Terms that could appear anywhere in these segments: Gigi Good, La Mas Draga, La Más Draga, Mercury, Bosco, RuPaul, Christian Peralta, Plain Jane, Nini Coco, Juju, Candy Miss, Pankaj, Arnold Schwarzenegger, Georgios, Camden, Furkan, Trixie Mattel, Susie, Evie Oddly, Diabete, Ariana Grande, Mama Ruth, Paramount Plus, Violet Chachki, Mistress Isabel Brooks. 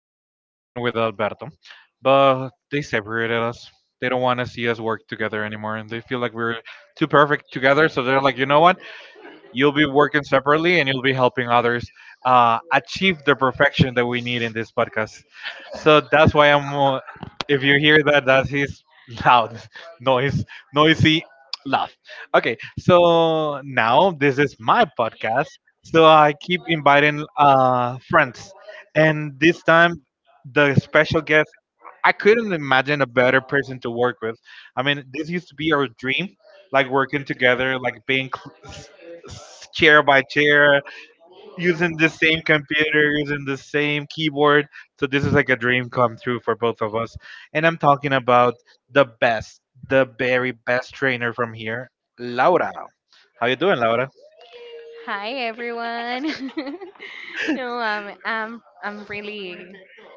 usually I'm working with Alberto, but they separated us. They don't want to see us work together anymore, and they feel like we're too perfect together. So they're like, you know what? You'll be working separately and you'll be helping others achieve the perfection that we need in this podcast. So that's why I'm. If you hear that, that is loud, noise, noisy laugh. Okay, so now this is my podcast. So I keep inviting friends, and this time the special guest, I couldn't imagine a better person to work with. I mean, this used to be our dream, like working together, like being chair by chair, using the same computer, using the same keyboard. So this is like a dream come true for both of us. And I'm talking about the best, the very best trainer from here, Laura. How you doing, Laura? Hi everyone. No, I'm really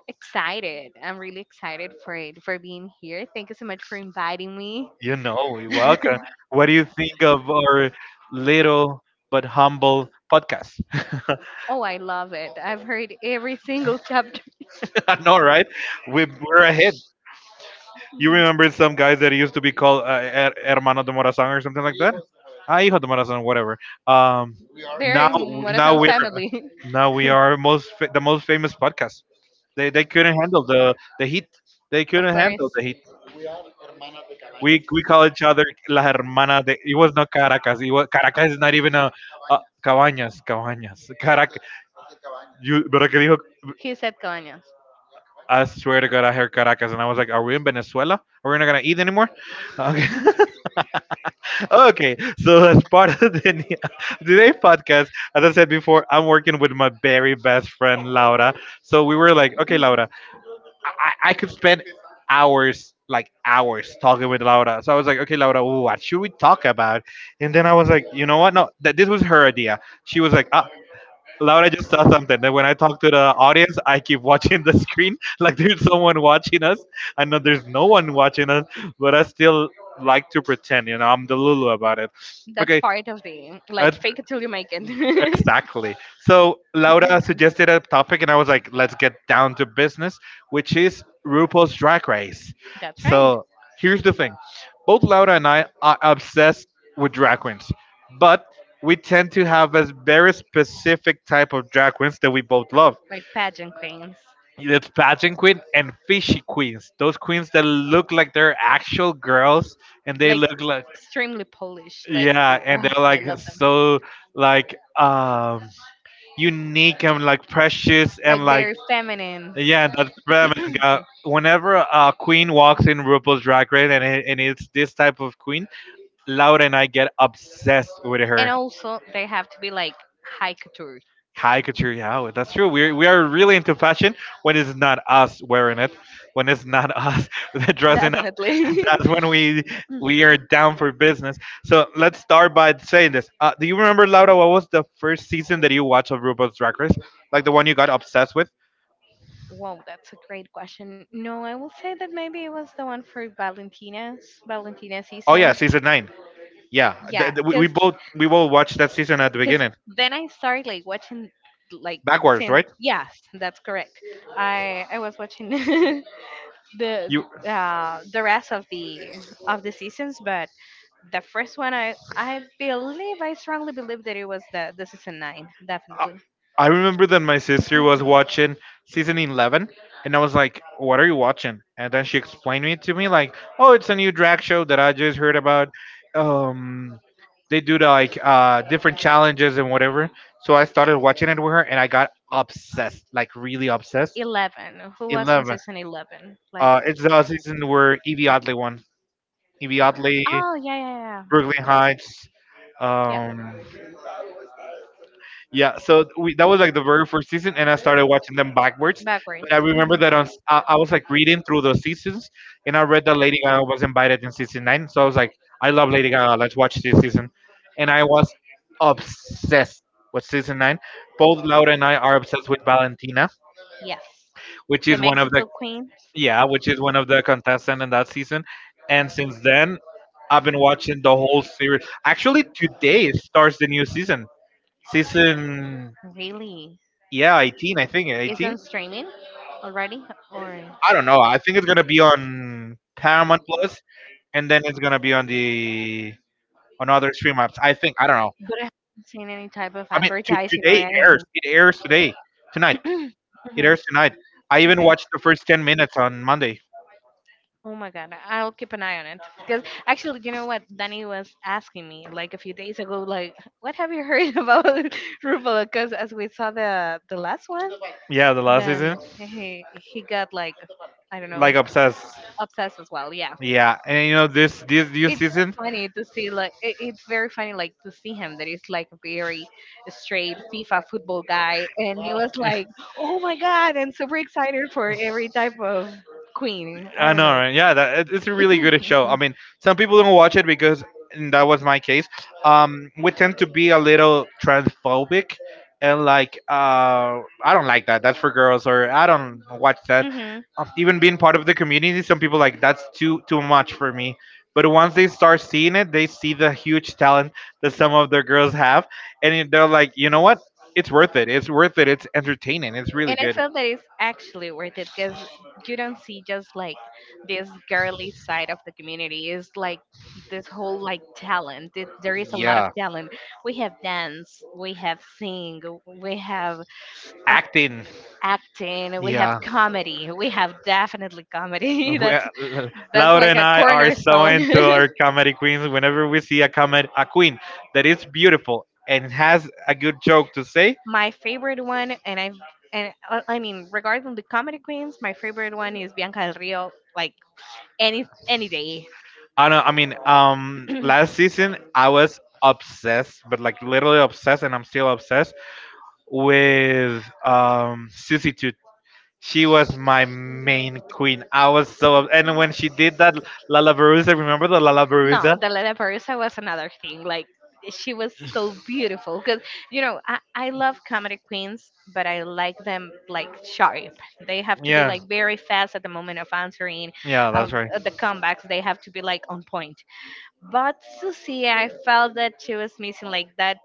excited. I'm really excited for being here. Thank you so much for inviting me. You know, you're welcome. What do you think of our little but humble podcast? Oh, I love it. I've heard every single chapter I know, right? We're ahead. You remember some guys that used to be called Her- Hermano de Morazán or something like that? Ah, hijo de Morazán, whatever. Um, there Now, in now Morazan we're family. now we are the most famous podcast. They couldn't handle the heat. They Of couldn't course. handle the heat. We call each other la hermana. De, it was not Caracas. It was, Caracas is not even a Cabañas, Cabañas. Caracas. You, pero que dijo? He said Cabañas. I swear to God, I heard Caracas, and I was like, "Are we in Venezuela? Are we not gonna eat anymore?" Okay, okay. So as part of the, today's podcast, as I said before, I'm working with my very best friend Laura. So we were like, "Okay, Laura, I could spend hours, like hours, talking with Laura." So I was like, "Okay, Laura, what should we talk about?" And then I was like, "You know what? No, that this was her idea." She was like, "Ah, Laura just saw something that when I talk to the audience, I keep watching the screen like there's someone watching us. I know there's no one watching us, but I still like to pretend, you know, I'm the Lulu about it. That's Okay, part of the like let's fake it till you make it. exactly. So Laura suggested a topic, and I was like, let's get down to business, which is RuPaul's Drag Race. That's right. So here's the thing, both Laura and I are obsessed with drag queens, but we tend to have a very specific type of drag queens that we both love. Like pageant queens. It's pageant queen and fishy queens. Those queens that look like they're actual girls, and they Like look like extremely Polish. Like, yeah, and ugh, they're I like love them. so like unique and like precious Like and very like feminine. yeah and that That's feminine guy. Whenever a queen walks in RuPaul's Drag Race and it's this type of queen, Laura and I get obsessed with And her also they have to be like high couture. caricature, yeah, that's true, we are really into fashion when it's not us wearing it, when it's not us dressing up. Definitely. That's when we are down for business. So let's start by saying this, do you remember Laura what was the first season that you watched of RuPaul's Drag Race, like the one you got obsessed with. Whoa, that's a great question. No, I will say that maybe it was the one for Valentina's Valentina, oh Oh yeah, yeah, season. stars. Season nine. Yeah, Yeah, we both watched that season at the because it, beginning then I started like watching, like, backwards, since right? yes, that's correct. I was watching the You, the rest of the seasons, but the first one, I believe, I strongly believe that it was the season 9, I, definitely. I remember that my sister was watching season 11, and I was like, "What are you watching?" And then she explained it to me like, "Oh, it's a new drag show that I just heard about. Um, they do the, like different challenges and whatever." So I started watching it with her, and I got obsessed, like really obsessed. 11? Who was on 11. season 11, like? It's the season where Evie Oddly won. Evie Oddly, Oh yeah, yeah, Brooklyn Heights. yeah, yeah, Um, yeah, so we, that was like the very first season, and I started watching them backwards. backwards. But I remember that on, s- I was like reading through Mhm. the seasons, and I read that Lady Gaga was invited in season nine. So I was like, I love Lady Gaga. Let's watch this season. And I was obsessed with season nine. Both Laura and I are obsessed with Valentina, Yes, which the is one of the mexico queen. yeah, which is one of the contestants in that season. And since then, I've been watching the whole series. Actually, today starts the new season. Season, Really? yeah, 18, I think. Is 18? on streaming already, or? I don't know. I think it's going to be on Paramount Plus, and then it's going to be on the on other stream apps. I think. I don't know. But I haven't seen any type of I mean, advertising today airs. or It airs today. Tonight. anything. It airs Mhm. tonight. I even Okay. watched the first 10 minutes on Monday. Oh my god, I'll keep an eye on it, because actually, you know what? Danny was asking me like a few days ago, like, what have you heard about RuPaul? Because as we saw the last one, Yeah, the last then season. he got like, I don't know, Like, obsessed. as well. Yeah. Yeah, and you know this new It's season. so funny to see like, it's very funny like to see him that he's like a very straight FIFA football guy, and he was like, oh my god, and super excited for every type of queen, I I don't know, know. right? Yeah, that it's a really good show. I mean, some people don't watch it because and that was my case. We tend to be a little transphobic, and like, I don't like that. That's for girls, or I don't watch that. Hmm. Even being part of the community, some people like that's too much for me. But once they start seeing it, they see the huge talent that some of the girls have, and they're like, you know what? It's worth it. It's worth it. It's entertaining. It's really And I good. felt that it's actually worth it, because you don't see just like this girly side of the community. It's like this whole like talent, there is a lot of Yeah. talent. We have dance, we have sing, we have Acting. acting, we have Yeah. comedy, we have definitely comedy. We, uh, that's that's Laura like and a I are so cornerstone. into our comedy queens. Whenever we see a comed a queen that is beautiful and has a good joke to say, My favorite one, and I mean, regarding the comedy queens, my favorite one is bianca del rio, like any day. I know. I mean, last season I was obsessed, but like literally obsessed, and I'm still obsessed with Susie Toot. She was my main queen. I was and when she did that Lala Baruza, remember the Lala No, Baruza? the La Parusa was another thing. Like, she was so beautiful, because you know, I love comedy queens, but I like them like sharp. They have to be Yeah, like very fast at the moment of answering yeah, that's of right. of the comebacks. They have to be like on point. But Susie, I felt that she was missing like that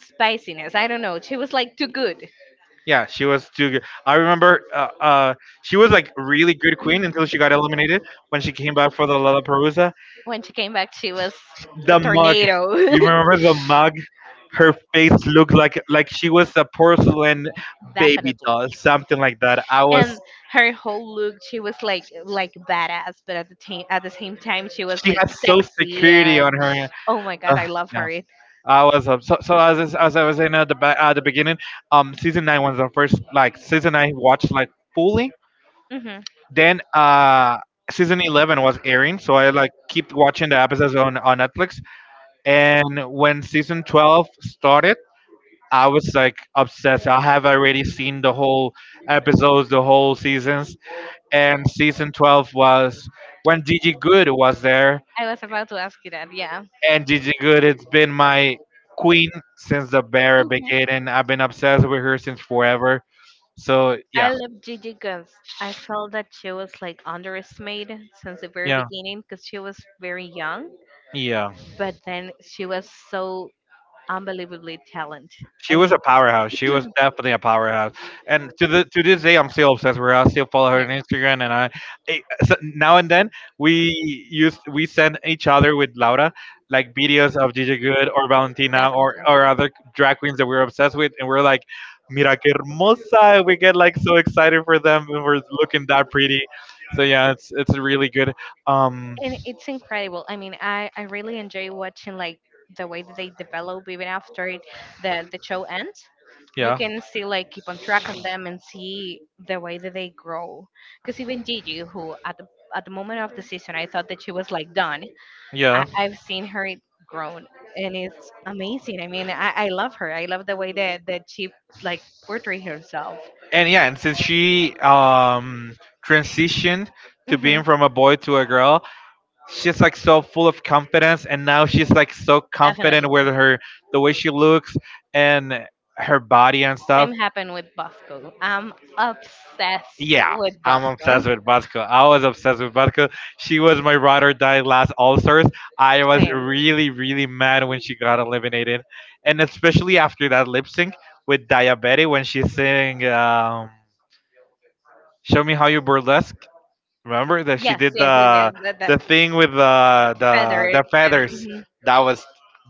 spiciness. I don't know. She was like too good. Yeah, she was too good. I remember she was like really good queen until she got eliminated when she came back for the Lollapalooza. When she came back, she was a The mug. tornado. You remember the mug? Her face looked like she was a porcelain baby Definitely. doll, something like that. I was And her whole look, she was like badass, but at the same time she was she like had so sexy security and on her. oh my god Uh, I love yeah, her. I was as I was saying at the at the beginning, season nine was the first like season I watched like fully. Hmm. Then season 11 was airing, so I like keep watching the episodes on Netflix. And when season 12 started, I was like obsessed. I have already seen the whole episodes, the whole seasons. And season 12 was when Gigi Good was there, I was about to ask you that, yeah. and Gigi Good it's been my queen since the very Hmm. beginning. I've been obsessed with her since forever. So yeah, I love gigi because I felt that she was like underestimated since the very yeah, beginning, because she was very young, yeah. but then she was so unbelievably talented, She I was mean, a powerhouse. She was definitely a powerhouse. And to the to this day, I'm still obsessed with her. I still follow her on Instagram, and I so now and then we send each other with Laura like videos of Gigi Good or Valentina yeah. or other drag queens that we're obsessed with, and we're like, "Mira que hermosa!" We get like so excited for them, when we're looking that pretty. So yeah, it's really good. Um, And it's incredible, I mean, I really enjoy watching like the way that they develop even after it the show ends. You, yeah. yeah, can still like keep on track on them and see the way that they grow, because even gigi who at the moment of the season I thought that she was like done, Yeah. I've seen her grown, and it's amazing. I mean, I love her, I love the way that she like portray herself. And yeah, and since she transitioned to Hmm. being from a boy to a girl, she's like so full of confidence and now she's like so Definitely. confident with her the way she looks and her body and Same stuff. happened with Bosco. I'm obsessed Yeah. with I'm Bosco. obsessed with vodka. I was obsessed with vodka. She was my ride or die last All Stars. I was Same. really, really mad when she got eliminated, and especially after that lip sync with Diabete when she sang "Show Me How You Burlesque." Remember that she Yes, did yes, yes, yes. That the thing with the the feather. the feathers. Mhm. That was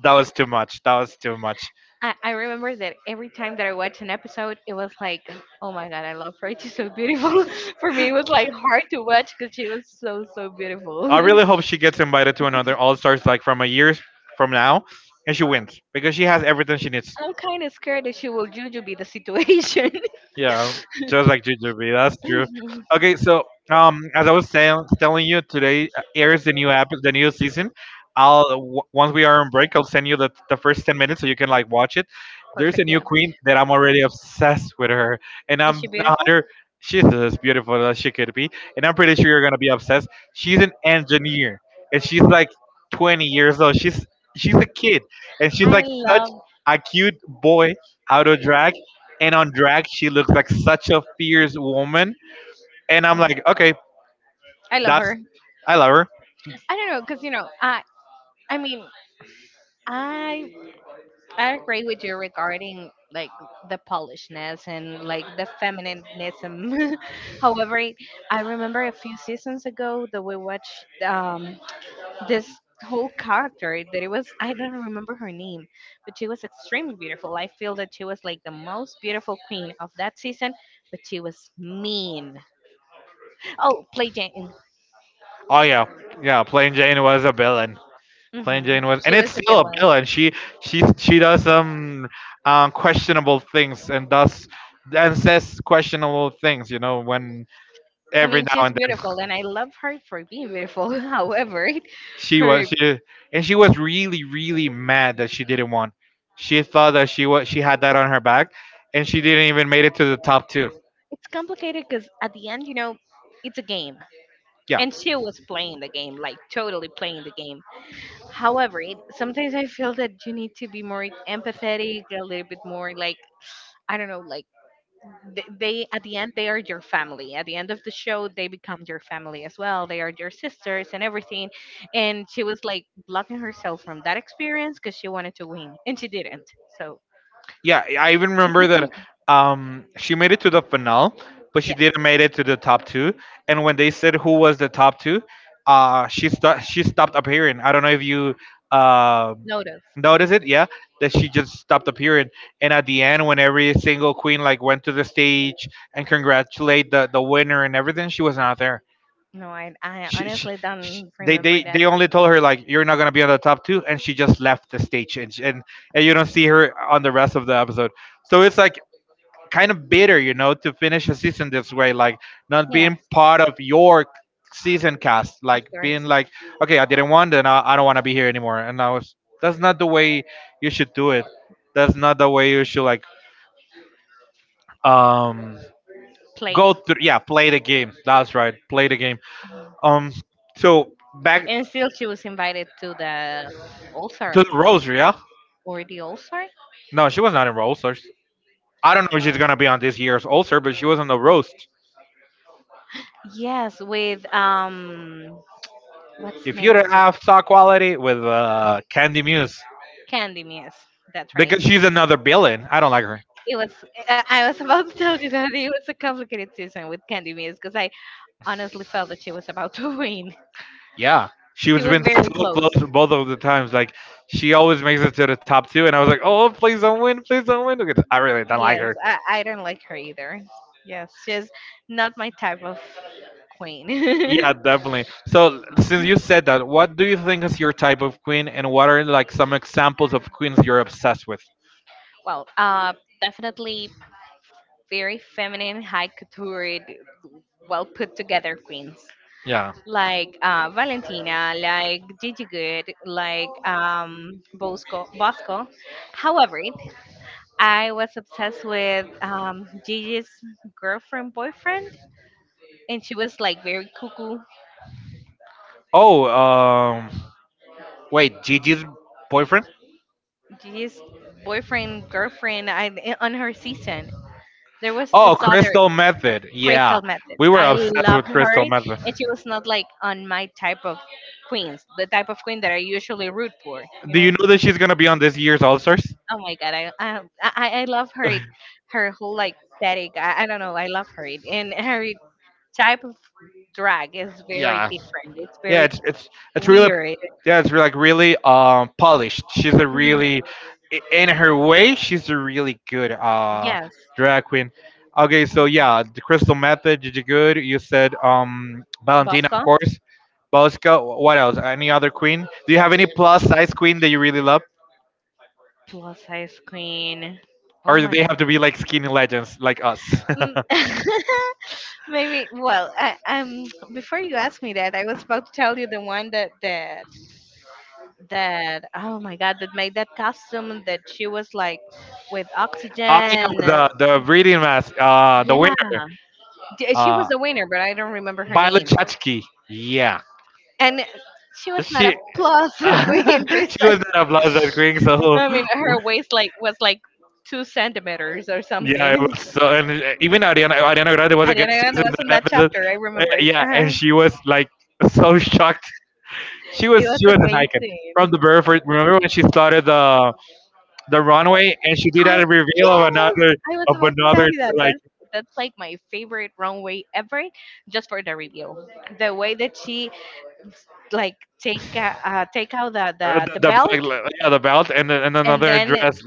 that was too much. That was too much. I remember that every time that I watched an episode, it was like, oh my god, I love her. She's so beautiful. For me, it was like hard to watch, because she was so, so beautiful. I really hope she gets invited to another All Stars like from a year from now, and she wins because she has everything she needs. I'm kind of scared that she will juju be the situation. Yeah, just like Jujubee, that's true. Mhm. Okay, so as I was saying, telling you today airs the new app, the new season. Once we are on break, I'll send you the first 10 minutes so you can like watch it. There's Perfect, a new yeah. queen that I'm already obsessed with her, and Is she I'm not beautiful? her. She's as beautiful as she could be, and I'm pretty sure you're gonna be obsessed. She's an engineer, and she's like 20 years old. She's a kid, and she's I like such love. a cute boy out of drag, and on drag she looks like such a fierce woman. And I'm like, okay, I love that's her. I love her. I don't know, cause you know, I mean, I I agree with you regarding like the polishness and like the feminism. However, I remember a few seasons ago that we watched this whole character that it was, I don't remember her name, but she was extremely beautiful. I feel that she was like the most beautiful queen of that season, but she was mean. Oh, play Jane. Oh yeah, yeah, Plain Jane was a villain. Like, Plain hmm. Jane was and She it's was a still a villain. villain. She she does some questionable things and does and says questionable things, you know, when I every mean, now she's and then beautiful, and I love her for being beautiful. However, she her was she she was really really mad that she didn't want, she thought that she was, she had that on her back, and she didn't even made it to the top two. it's complicated because at the end, you know, it's a game, Yeah, and she was playing the game, like totally playing the game. However, sometimes I feel that you need to be more empathetic, a little bit more like, I don't know, like, they at the end they are your family. At the end of the show, they become your family as well. They are your sisters and everything. And she was like blocking herself from that experience because she wanted to win, and she didn't. So. yeah, I even remember that she made it to the finale, but she Yes. didn't made it to the top two. And when they said who was the top two, she stopped appearing. I don't know if you um Notice. notice it. Yeah, that she just stopped appearing. And at the end, when every single queen like went to the stage and congratulate the winner and everything, she was not there. No, I She, she, honestly she don't they, remember they that they one. only told her like, you're not gonna be on the top two, and she just left the stage, and she, and you don't see her on the rest of the episode. So it's like kind of bitter, you know, to finish a season this way, like not being Yes. part of your season cast, like After. being like, okay, I didn't want, and I don't want to be here anymore. And I was that's not the way you should do it. That's not the way you should like um Play. go through. Yeah, play the game. That's right, play the game. Mhm. Um, so back And still she was invited to the altar. to the rosary, yeah? Or the altar? No, she was not in roasters. I don't know if she's gonna be on this year's ulcer, but she was on the roast. Yes, with what's the If name you'd of this? have saw quality with Candy Muse, Candy Miss. That's right. because she's another villain. I don't like her. It was, I was about to tell you that it was a complicated season with Candy Miss, because I honestly felt that she was about to win. Yeah, she She was was been so very close. close both of the times. Like she always makes it to the top two, and I was like, oh, please don't win, please don't win, because I really don't like Yes, her. I don't like her either. Yes, she's not my type of queen. Yeah, definitely. So since you said that, what do you think is your type of queen, and what are like some examples of queens you're obsessed with? Well, definitely very feminine, high couture, well put together queens, Yeah. like Valentina, like Gigi Good, like Bosco. However, I was obsessed with Gigi's girlfriend boyfriend, and she was like very cuckoo. Oh, wait, Gigi's boyfriend? G's boyfriend, girlfriend, on her season. There was Oh, this other Crystal Method. Yeah, Crystal Method. we were I obsessed with loved her, Crystal Method. and she was not like on my type of queens, the type of queen that I usually root for. You Do you know? know that she's gonna be on this year's All Stars? Oh my god, I love her, her whole like aesthetic. I don't know, I love her, and her type of drag is very Yeah, different. It's yeah. very It's really weird. Yeah, it's really, like really polished. She's a Mhm. really in her way, she's a really good Yes, drag queen. Okay, so yeah, the Crystal Method, did you good. You said Valentina, Bosco, of course. Bosca, what else? Any other queen? Do you have any plus size queen that you really love? plus size queen. Oh Or do my they have god. to be like skinny legends like us? Mm, Maybe. Well, before you ask me that, I was about to tell you the one that oh my god that made that costume that she was like with oxygen. Ah, you Uh, the breeding mask, the yeah, winner. She was Uh, the winner, but I don't remember her Violet name. Chachki. Yeah. And she was not She a plus she was queen precisely. in a that quick, so I mean, her waist like was like 2 centimeters or yeah, it something. was so. And even Ariana Grande was a Ariana guest Grande in was in that that episode. chapter. I remember it. Yeah, and she was like so shocked. She was it was she was an icon amazing. from the birth. Remember when she started the runway and she did I that reveal of yes, another, I was of about to tell another you that. like That's like my favorite runway ever, just for the reveal. The way that she like take take out the belt, yeah, the belt and then- and and another then dress.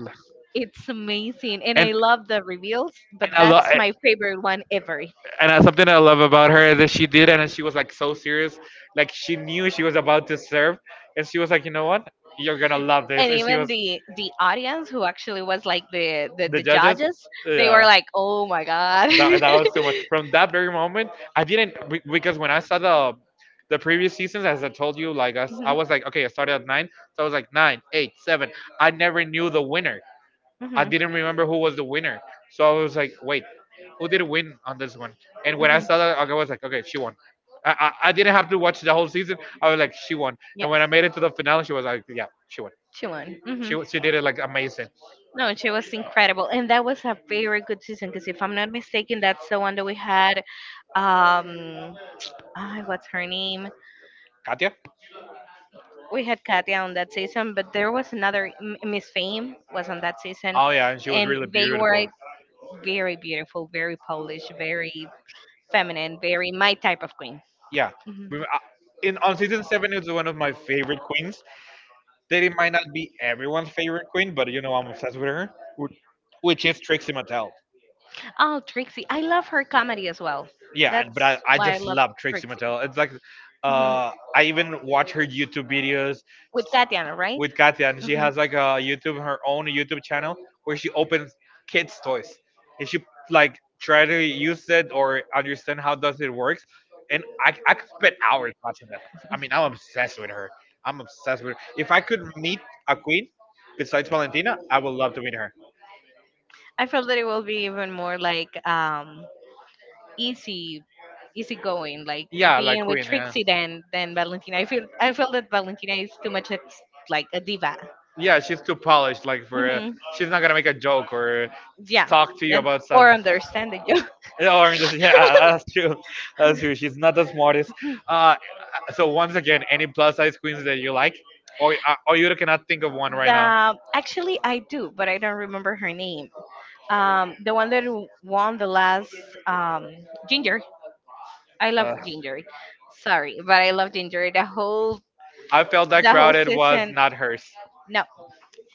it's amazing. And and I and love the reveals, but I love that's my favorite one ever. and something I love about her is that she did, and she was like so serious, like she knew she was about to serve, and she was like, you know what, you're gonna love this, And and she even was the audience, who actually was like the the judges, judges, they were yeah. like oh my god. That, that was so much. From that very moment, I didn't be- because when I saw the previous seasons, as I told you, like I Mhm. was like, okay, I started at nine, so I was like nine, eight, seven. I never knew the winner. Hmm, I didn't remember hmm. who was the winner. So I was like, wait, who did win on this one? And when I saw that, I was like, okay, she won. I, I didn't have to watch the whole season. I was like, she won. Yes, And when when I I made made it it to to the the finale, finals, she was like, yeah, she won. she won. Hmm. She did it like amazing. No, she was, Mhm, incredible, and that was a very good season. Because if I'm not mistaken, that's the one that we had. Um, ah, what's her name? Katya? We had Katya on that season, but there was another Miss Fame was on that season, Oh, yeah, and she was and really they were beautiful. like very beautiful, very Polish, very feminine, very my type of queen. Yeah. Mm-hmm. We- I- on season seven, it was one of my favorite queens. That it might not be everyone's favorite queen, but you know, I'm obsessed with her, wh- which is Trixie Mattel. Oh, Trixie. I love her comedy as well. Yeah, That's I why I just love love Trixie. Trixie Mattel. It's like Mhm. I even watch her YouTube videos With Tatiana, right? with Katya, and she Mhm. has like a YouTube, her own YouTube channel where she opens kids toys, and she like try to use it or understand how does it works, and I could spend hours watching that. I mean, I'm obsessed with her. I'm obsessed with her. If I could meet a queen besides Valentina, I would love to meet her. I feel that it will be even more like easy easy going, like Yeah, like being with queen, yeah. Trixie than Valentina. I feel that Valentina is too much ex, like a diva. Yeah, she's too polished. Like for Hmm. she's not gonna make a joke or Yeah, talk to you and about stuff. or understanding you. Yeah. Or in yeah, that's true. That's true. She's not the smartest. Uh, so once again, any plus size queens that you like, or you cannot think of one right now. The actually I do, but I don't remember her name. Um, the one that won the last um, Ginger. I love Uh, Ginger. Sorry, but I love Ginger. I felt that The whole crowded was season. not hers. No,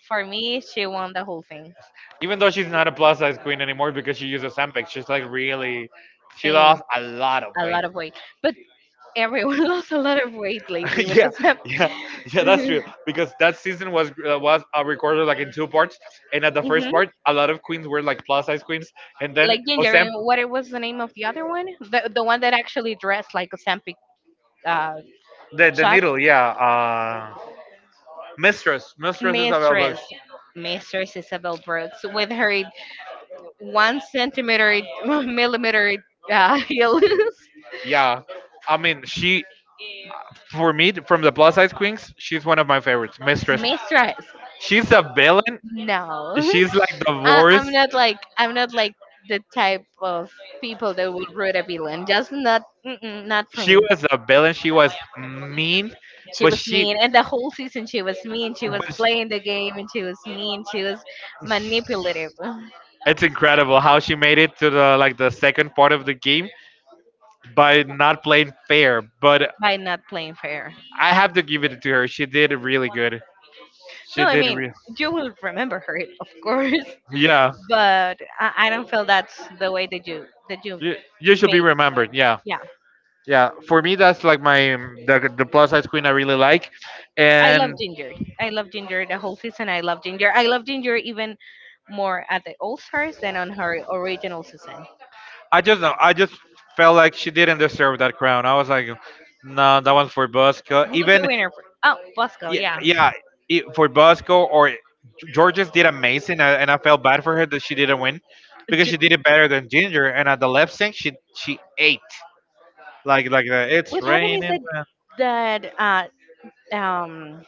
for me, she won the whole thing. Even though she's not a plus size queen anymore because she uses Ozempic, she's like really, she Same, lost a lot of a weight. lot of weight, but everyone lost a lot of weight lately with Yeah, this. yeah, yeah. That's true because that season was recorded like in two parts, and at the first Mhm. part, a lot of queens were like plus size queens, and then Like Ginger, Osam, and what it was the name of the other one? The one that actually dressed like a Sampic, uh, the shot, needle, yeah, mistress, mistress Isabel mistress. Books. Mistress Isabel Brooks with her 1 centimeter millimeter heels. Yeah, I mean she, for me, from the plus size queens, she's one of my favorites, mistress. Mistress. She's a villain. No. She's like the I'm worst. not like, I'm not like the type of people that would root a villain. Just not, mm-mm, not for She me. was a villain. She was mean, She but was she, mean, and the whole season she was mean. She but was she- playing the game, and she was mean. She was manipulative it's incredible how she made it to the like the second part of the game by not playing fair. But by not playing fair. I have to give it to her. She did really good. She No, I did mean re- you will remember her, of course, Yeah, but I don't feel that's the way that you you, you should be made. remembered. Yeah. Yeah, Yeah, for me that's like my the plus size queen I really like. I love And Ginger. I love Ginger the whole season. I love Ginger. I love Ginger even more at the All Stars than on her original season. I just felt like she didn't deserve that crown. I was like, no, that one's for Bosco Who was the even. winner? Oh, Bosco. Yeah, Yeah. yeah, it, for Bosco. Or Georges did amazing, and I felt bad for her that she didn't win because Ju- she did it better than Ginger, and at the lip sync she ate like the, it's What happened is raining that man. that uh, um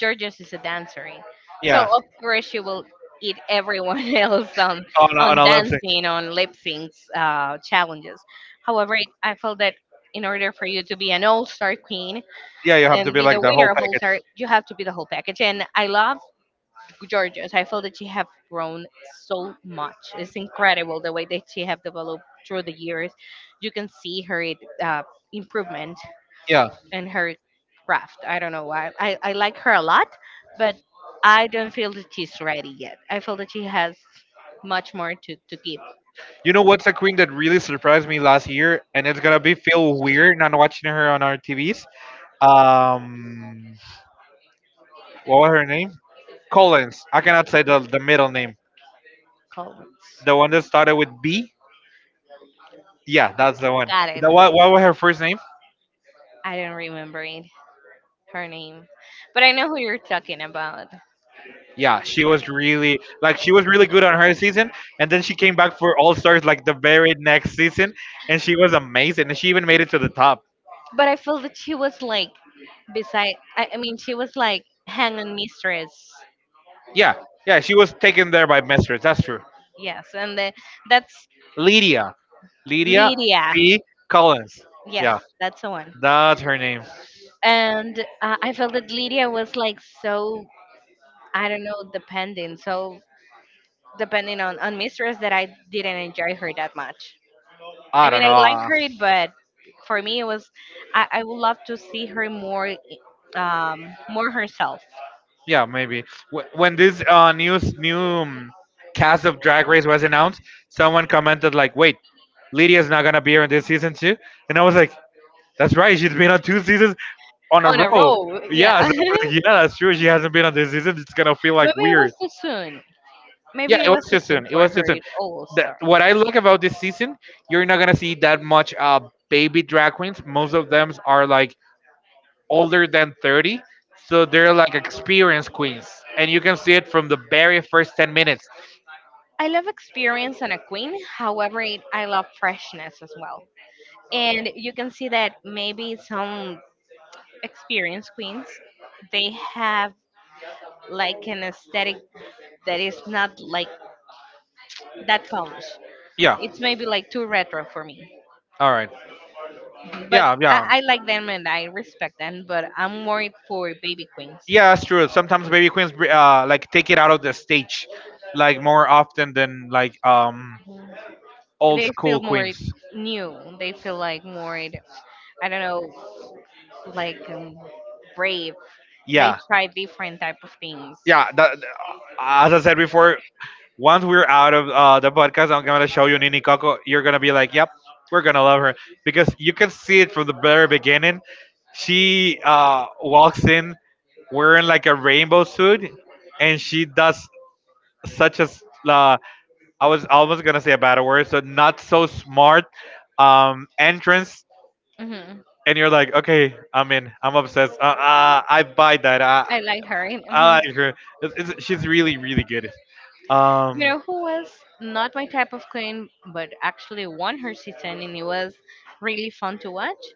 Georgios is a dancery. So Yeah, of course she will eat everyone else on on on a lip sync. dancing on lip syncs challenges. However, I felt that in order for you to be an all star queen Yeah, you have and to be be like the the whole winner of all package. star, you have to be the whole package. And I love Georgios. I feel that she have grown so much. It's incredible the way that she have developed through the years. You can see her uh, improvement Yeah. in her craft. I don't know why. I like her a lot, but I don't feel that she's ready yet. I feel that she has much more to give You know what's a queen that really surprised me last year, and it's gonna be feel weird not watching her on our TVs. Um, what was her name? Collins. I cannot say the middle name. Collins. The one that started with B. Yeah, that's the one. Got it. The, what was her first name? I don't remember it, her name. But I know who you're talking about. Yeah, she was really like she was really good on her season, and then she came back for All Stars like the very next season, and she was amazing, and she even made it to the top. But I feel that she was like beside I mean she was like hang on mistress. Yeah, yeah, she was taken there by Mesters. That's true. Yes, that's Lydia, Lydia Lydia. B. Collins. Yes, Yeah. that's the one. That's her name. And I felt that Lydia was like so I don't know, depending. So depending on Mistress, that I didn't enjoy her that much. I I mean, don't I like know. her, but for me, it was I would love to see her more, more herself Yeah, maybe. When this new cast of Drag Race was announced, someone commented like, "Wait, Lydia's not gonna be here in this season too," and I was like, "That's right. She's been on two seasons on a on a row." roll. Yeah, Yeah, so I was like, maybe "Yeah, that's true. She hasn't been on this season. It's gonna feel like it was weird." too soon. Yeah, Maybe it it was was too too soon soon. It for was too her soon. it all The, star. what I like about this season, you're not gonna see that much baby drag queens. Most of them are like older than 30, so they're like experience queens, and you can see it from the very first 10 minutes. I love experience on a queen. However, I love freshness as well. And you can see that maybe some experienced queens they have like an aesthetic that is not like that polished. Yeah. It's maybe like too retro for me, All right. but Yeah, yeah. yeah, I like them and I respect them. But I'm more for baby queens. yeah. That's true. Sometimes baby queens like take it out of the stage, like more often than like old They school feel more queens. new. They feel like more, I don't know, like brave. They Yeah, try different type of things. yeah. That, as I said before, once we're out of the podcast, I'm gonna show you Nini Coco. You're gonna be like, yep, we're gonna love her because you can see it from the very beginning. She walks in wearing like a rainbow suit, and she does such as uh, I was almost gonna say a bad word, so not so smart entrance, Hmm. and you're like, okay, I'm in, I'm obsessed. I buy that. I like her. Hmm. I like her. She's really, really good. You Um, know who was not my type of queen, but actually won her season, and it was really fun to watch?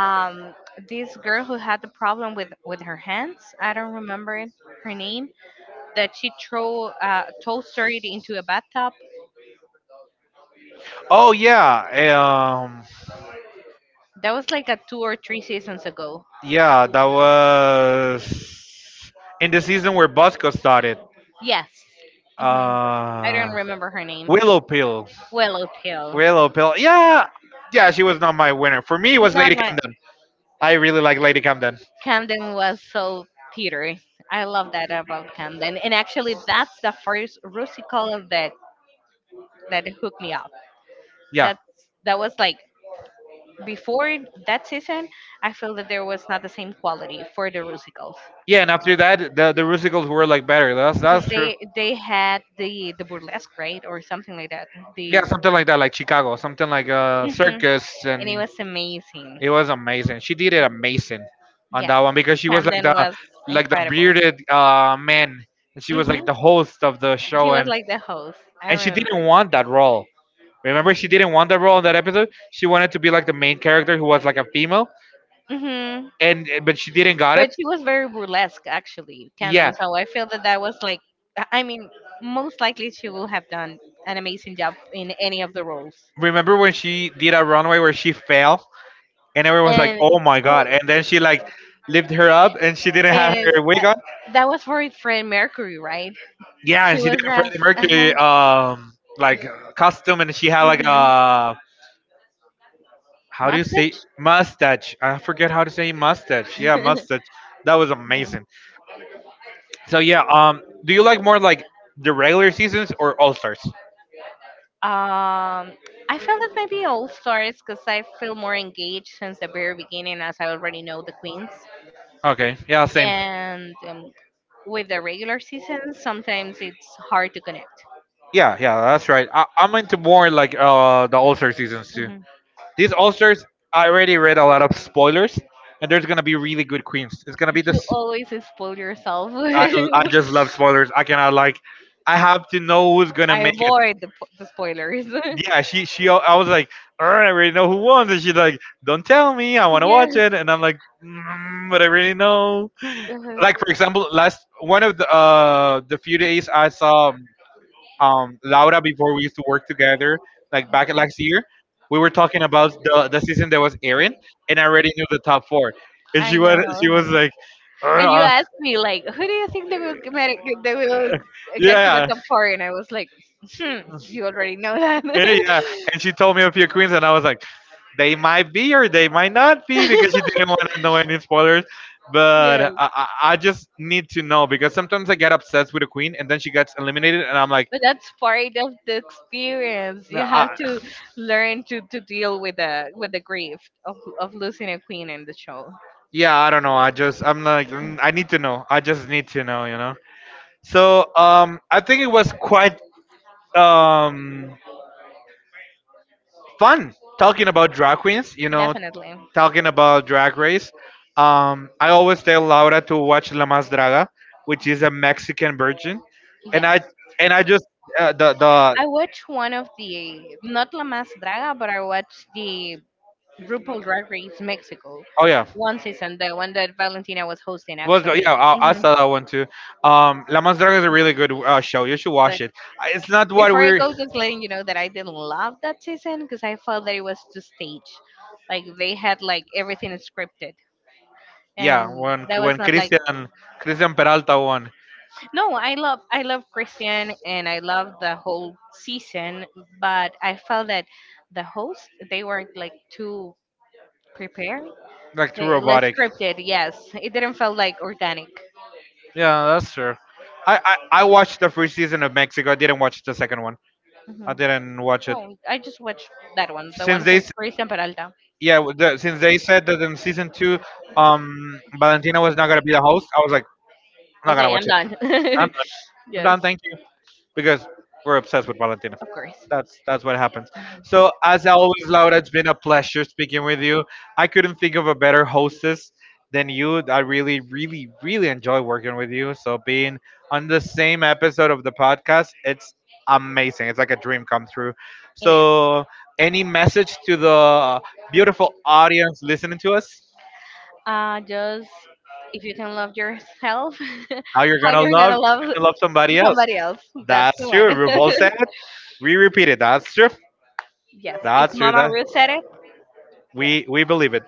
um, this girl who had the problem with her hands. I don't remember it, her name. That she throw toaster it into a bathtub. oh yeah, That was like a two or three seasons ago. yeah, that was in the season where Bosco started. Yes. Hmm. I Uh, don't remember her name. Willow Pill. Willow Pill. Willow Pill. Yeah, yeah, she was not my winner. For me, it was Not Lady my Camden. I really like Lady Camden. Camden was so teetery. I love that about Camden. And actually, that's the first Rusical that hooked me up. Yeah, That's that was like before that season, I feel that there was not the same quality for the Rusicals yeah, and after that, the musicals were like better. That's because that's true. they had the burlesque right or something like that. The Yeah, something like that, like Chicago, something like mhm. Circus, And it and was amazing. it was amazing. She did it amazing on Yes, that one because she was like Camden was the incredible. bearded man, and she was like the Hmm. host of the She show, was and like the host. I and she remember. didn't want that role. Remember, she didn't want that role in that episode. She wanted to be like the main character who was like a female, Hmm. and but she didn't got But it. she was very burlesque, actually, Yeah. Camden. So I feel that that was like, I mean, most likely she will have done an amazing job in any of the roles. Remember when she did a runway where she fell and everyone was like, "Oh my Well, god!" And then she like lifted her up and she didn't have and her wig on. that was for his friend Mercury, right? Yeah, She and she did was a Freddie dressed. Uh Mercury like huh. costume and she had like Mhm. a how do you say mustache? I forget how to say mustache. Yeah, mustache. That was Mhm. amazing. So yeah, do you like more like the regular seasons or All Stars? um, I feel that maybe all stars because I feel more engaged since the very beginning, as I already know the queens. Okay, yeah, same. And with the regular season, sometimes it's hard to connect. Yeah, yeah, that's right. I'm into more like the All Star seasons too. Hmm. These All Stars, I already read a lot of spoilers, and there's gonna be really good queens. It's gonna be You this. always spoil yourself. I I just love spoilers. I cannot like. I have to know who's gonna I make it. avoid the spoilers. Yeah, she she. I was like, all right, I already know who won, and she's like, don't tell me. I want to Yes. watch it, and I'm like, mm, but I really know. Uh-huh. Like for example, last one of the few days I saw Laura before we used to work together, like back last year, we were talking about the season that was airing, and I already knew the top four. And I she was know. she was like, And you "Ugh, asked me like, who do you think they will get to the yeah, top four? And I was like, hmm, you already know that. yeah, yeah. And she told me a few queens, and I was like, they might be or they might not be because she didn't want to know any spoilers. But I, Yes, I I just need to know because sometimes I get obsessed with a queen, and then she gets eliminated, and I'm like, but that's part of the experience. You have "Nah, to learn to deal with the grief of losing a queen in the show. yeah, I don't know. I just I'm like mm, I need to know. I just need to know, So I think it was quite um fun talking about drag queens. Definitely. Talking about Drag Race. I always tell Laura to watch La Mas Draga, which is a Mexican version, and And I I yes, and I just the I watched one of the not La Más Draga, but I watched the RuPaul Drag Race Mexico oh yeah one season, the one that Valentina was hosting actually. yeah I Hmm. saw that one too. La Mas Draga is a really good show. You should But watch it. I- It's not what before I we're go, just letting you know that I didn't love that season because I felt that it was too staged. Like they had like everything scripted, and Yeah, when that when was not like. Christian Peralta won, No, I love Christian and I love the whole season, but I felt that the hosts they were like too prepared? like too Eh, like robotic. scripted, yes. It didn't feel like organic. Yeah, that's true. I watched the first season of Mexico. I didn't watch the second one. Hmm. I didn't watch it No, I just watched that one, the since one they for s- Christian Peralta. yeah since they said that in season two, Valentina was not gonna be the host. I was like, I'm not gonna Okay, I'm watch it. done. I'm done. I'm Yes, done. Thank you. Because we're obsessed with Valentina. of course. That's what happens. So as always, Laura, it's been a pleasure speaking with you. I couldn't think of a better hostess than you. I really, really, really enjoy working with you. So being on the same episode of the podcast, it's amazing. It's like a dream come true. It is. So any message to the beautiful audience listening to us? Just if you can love yourself, How you're how gonna you're love gonna love somebody else. somebody else. That's the That's one. true. Revolt said it. We repeat it. That's true. Yes, if That's true. Mama That Ruth said it, yeah, We believe it.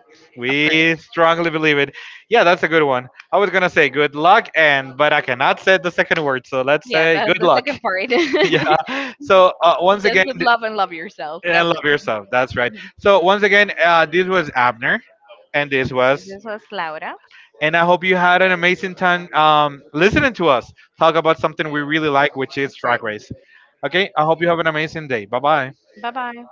of course. We strongly believe it. Yeah, that's a good one. I was gonna say good luck, and but I cannot say the second word, so let's Yeah, say that's good the luck. second part. Yeah. So once Just again, with love and love yourself. and That's love it. yourself. That's right. Mhm. So once again, this was Abner, and this was. This was Laura. And I hope you had an amazing time listening to us talk about something we really like, which Of is Drag course. Race. Okay, I hope you have an amazing day. Bye bye. Bye bye.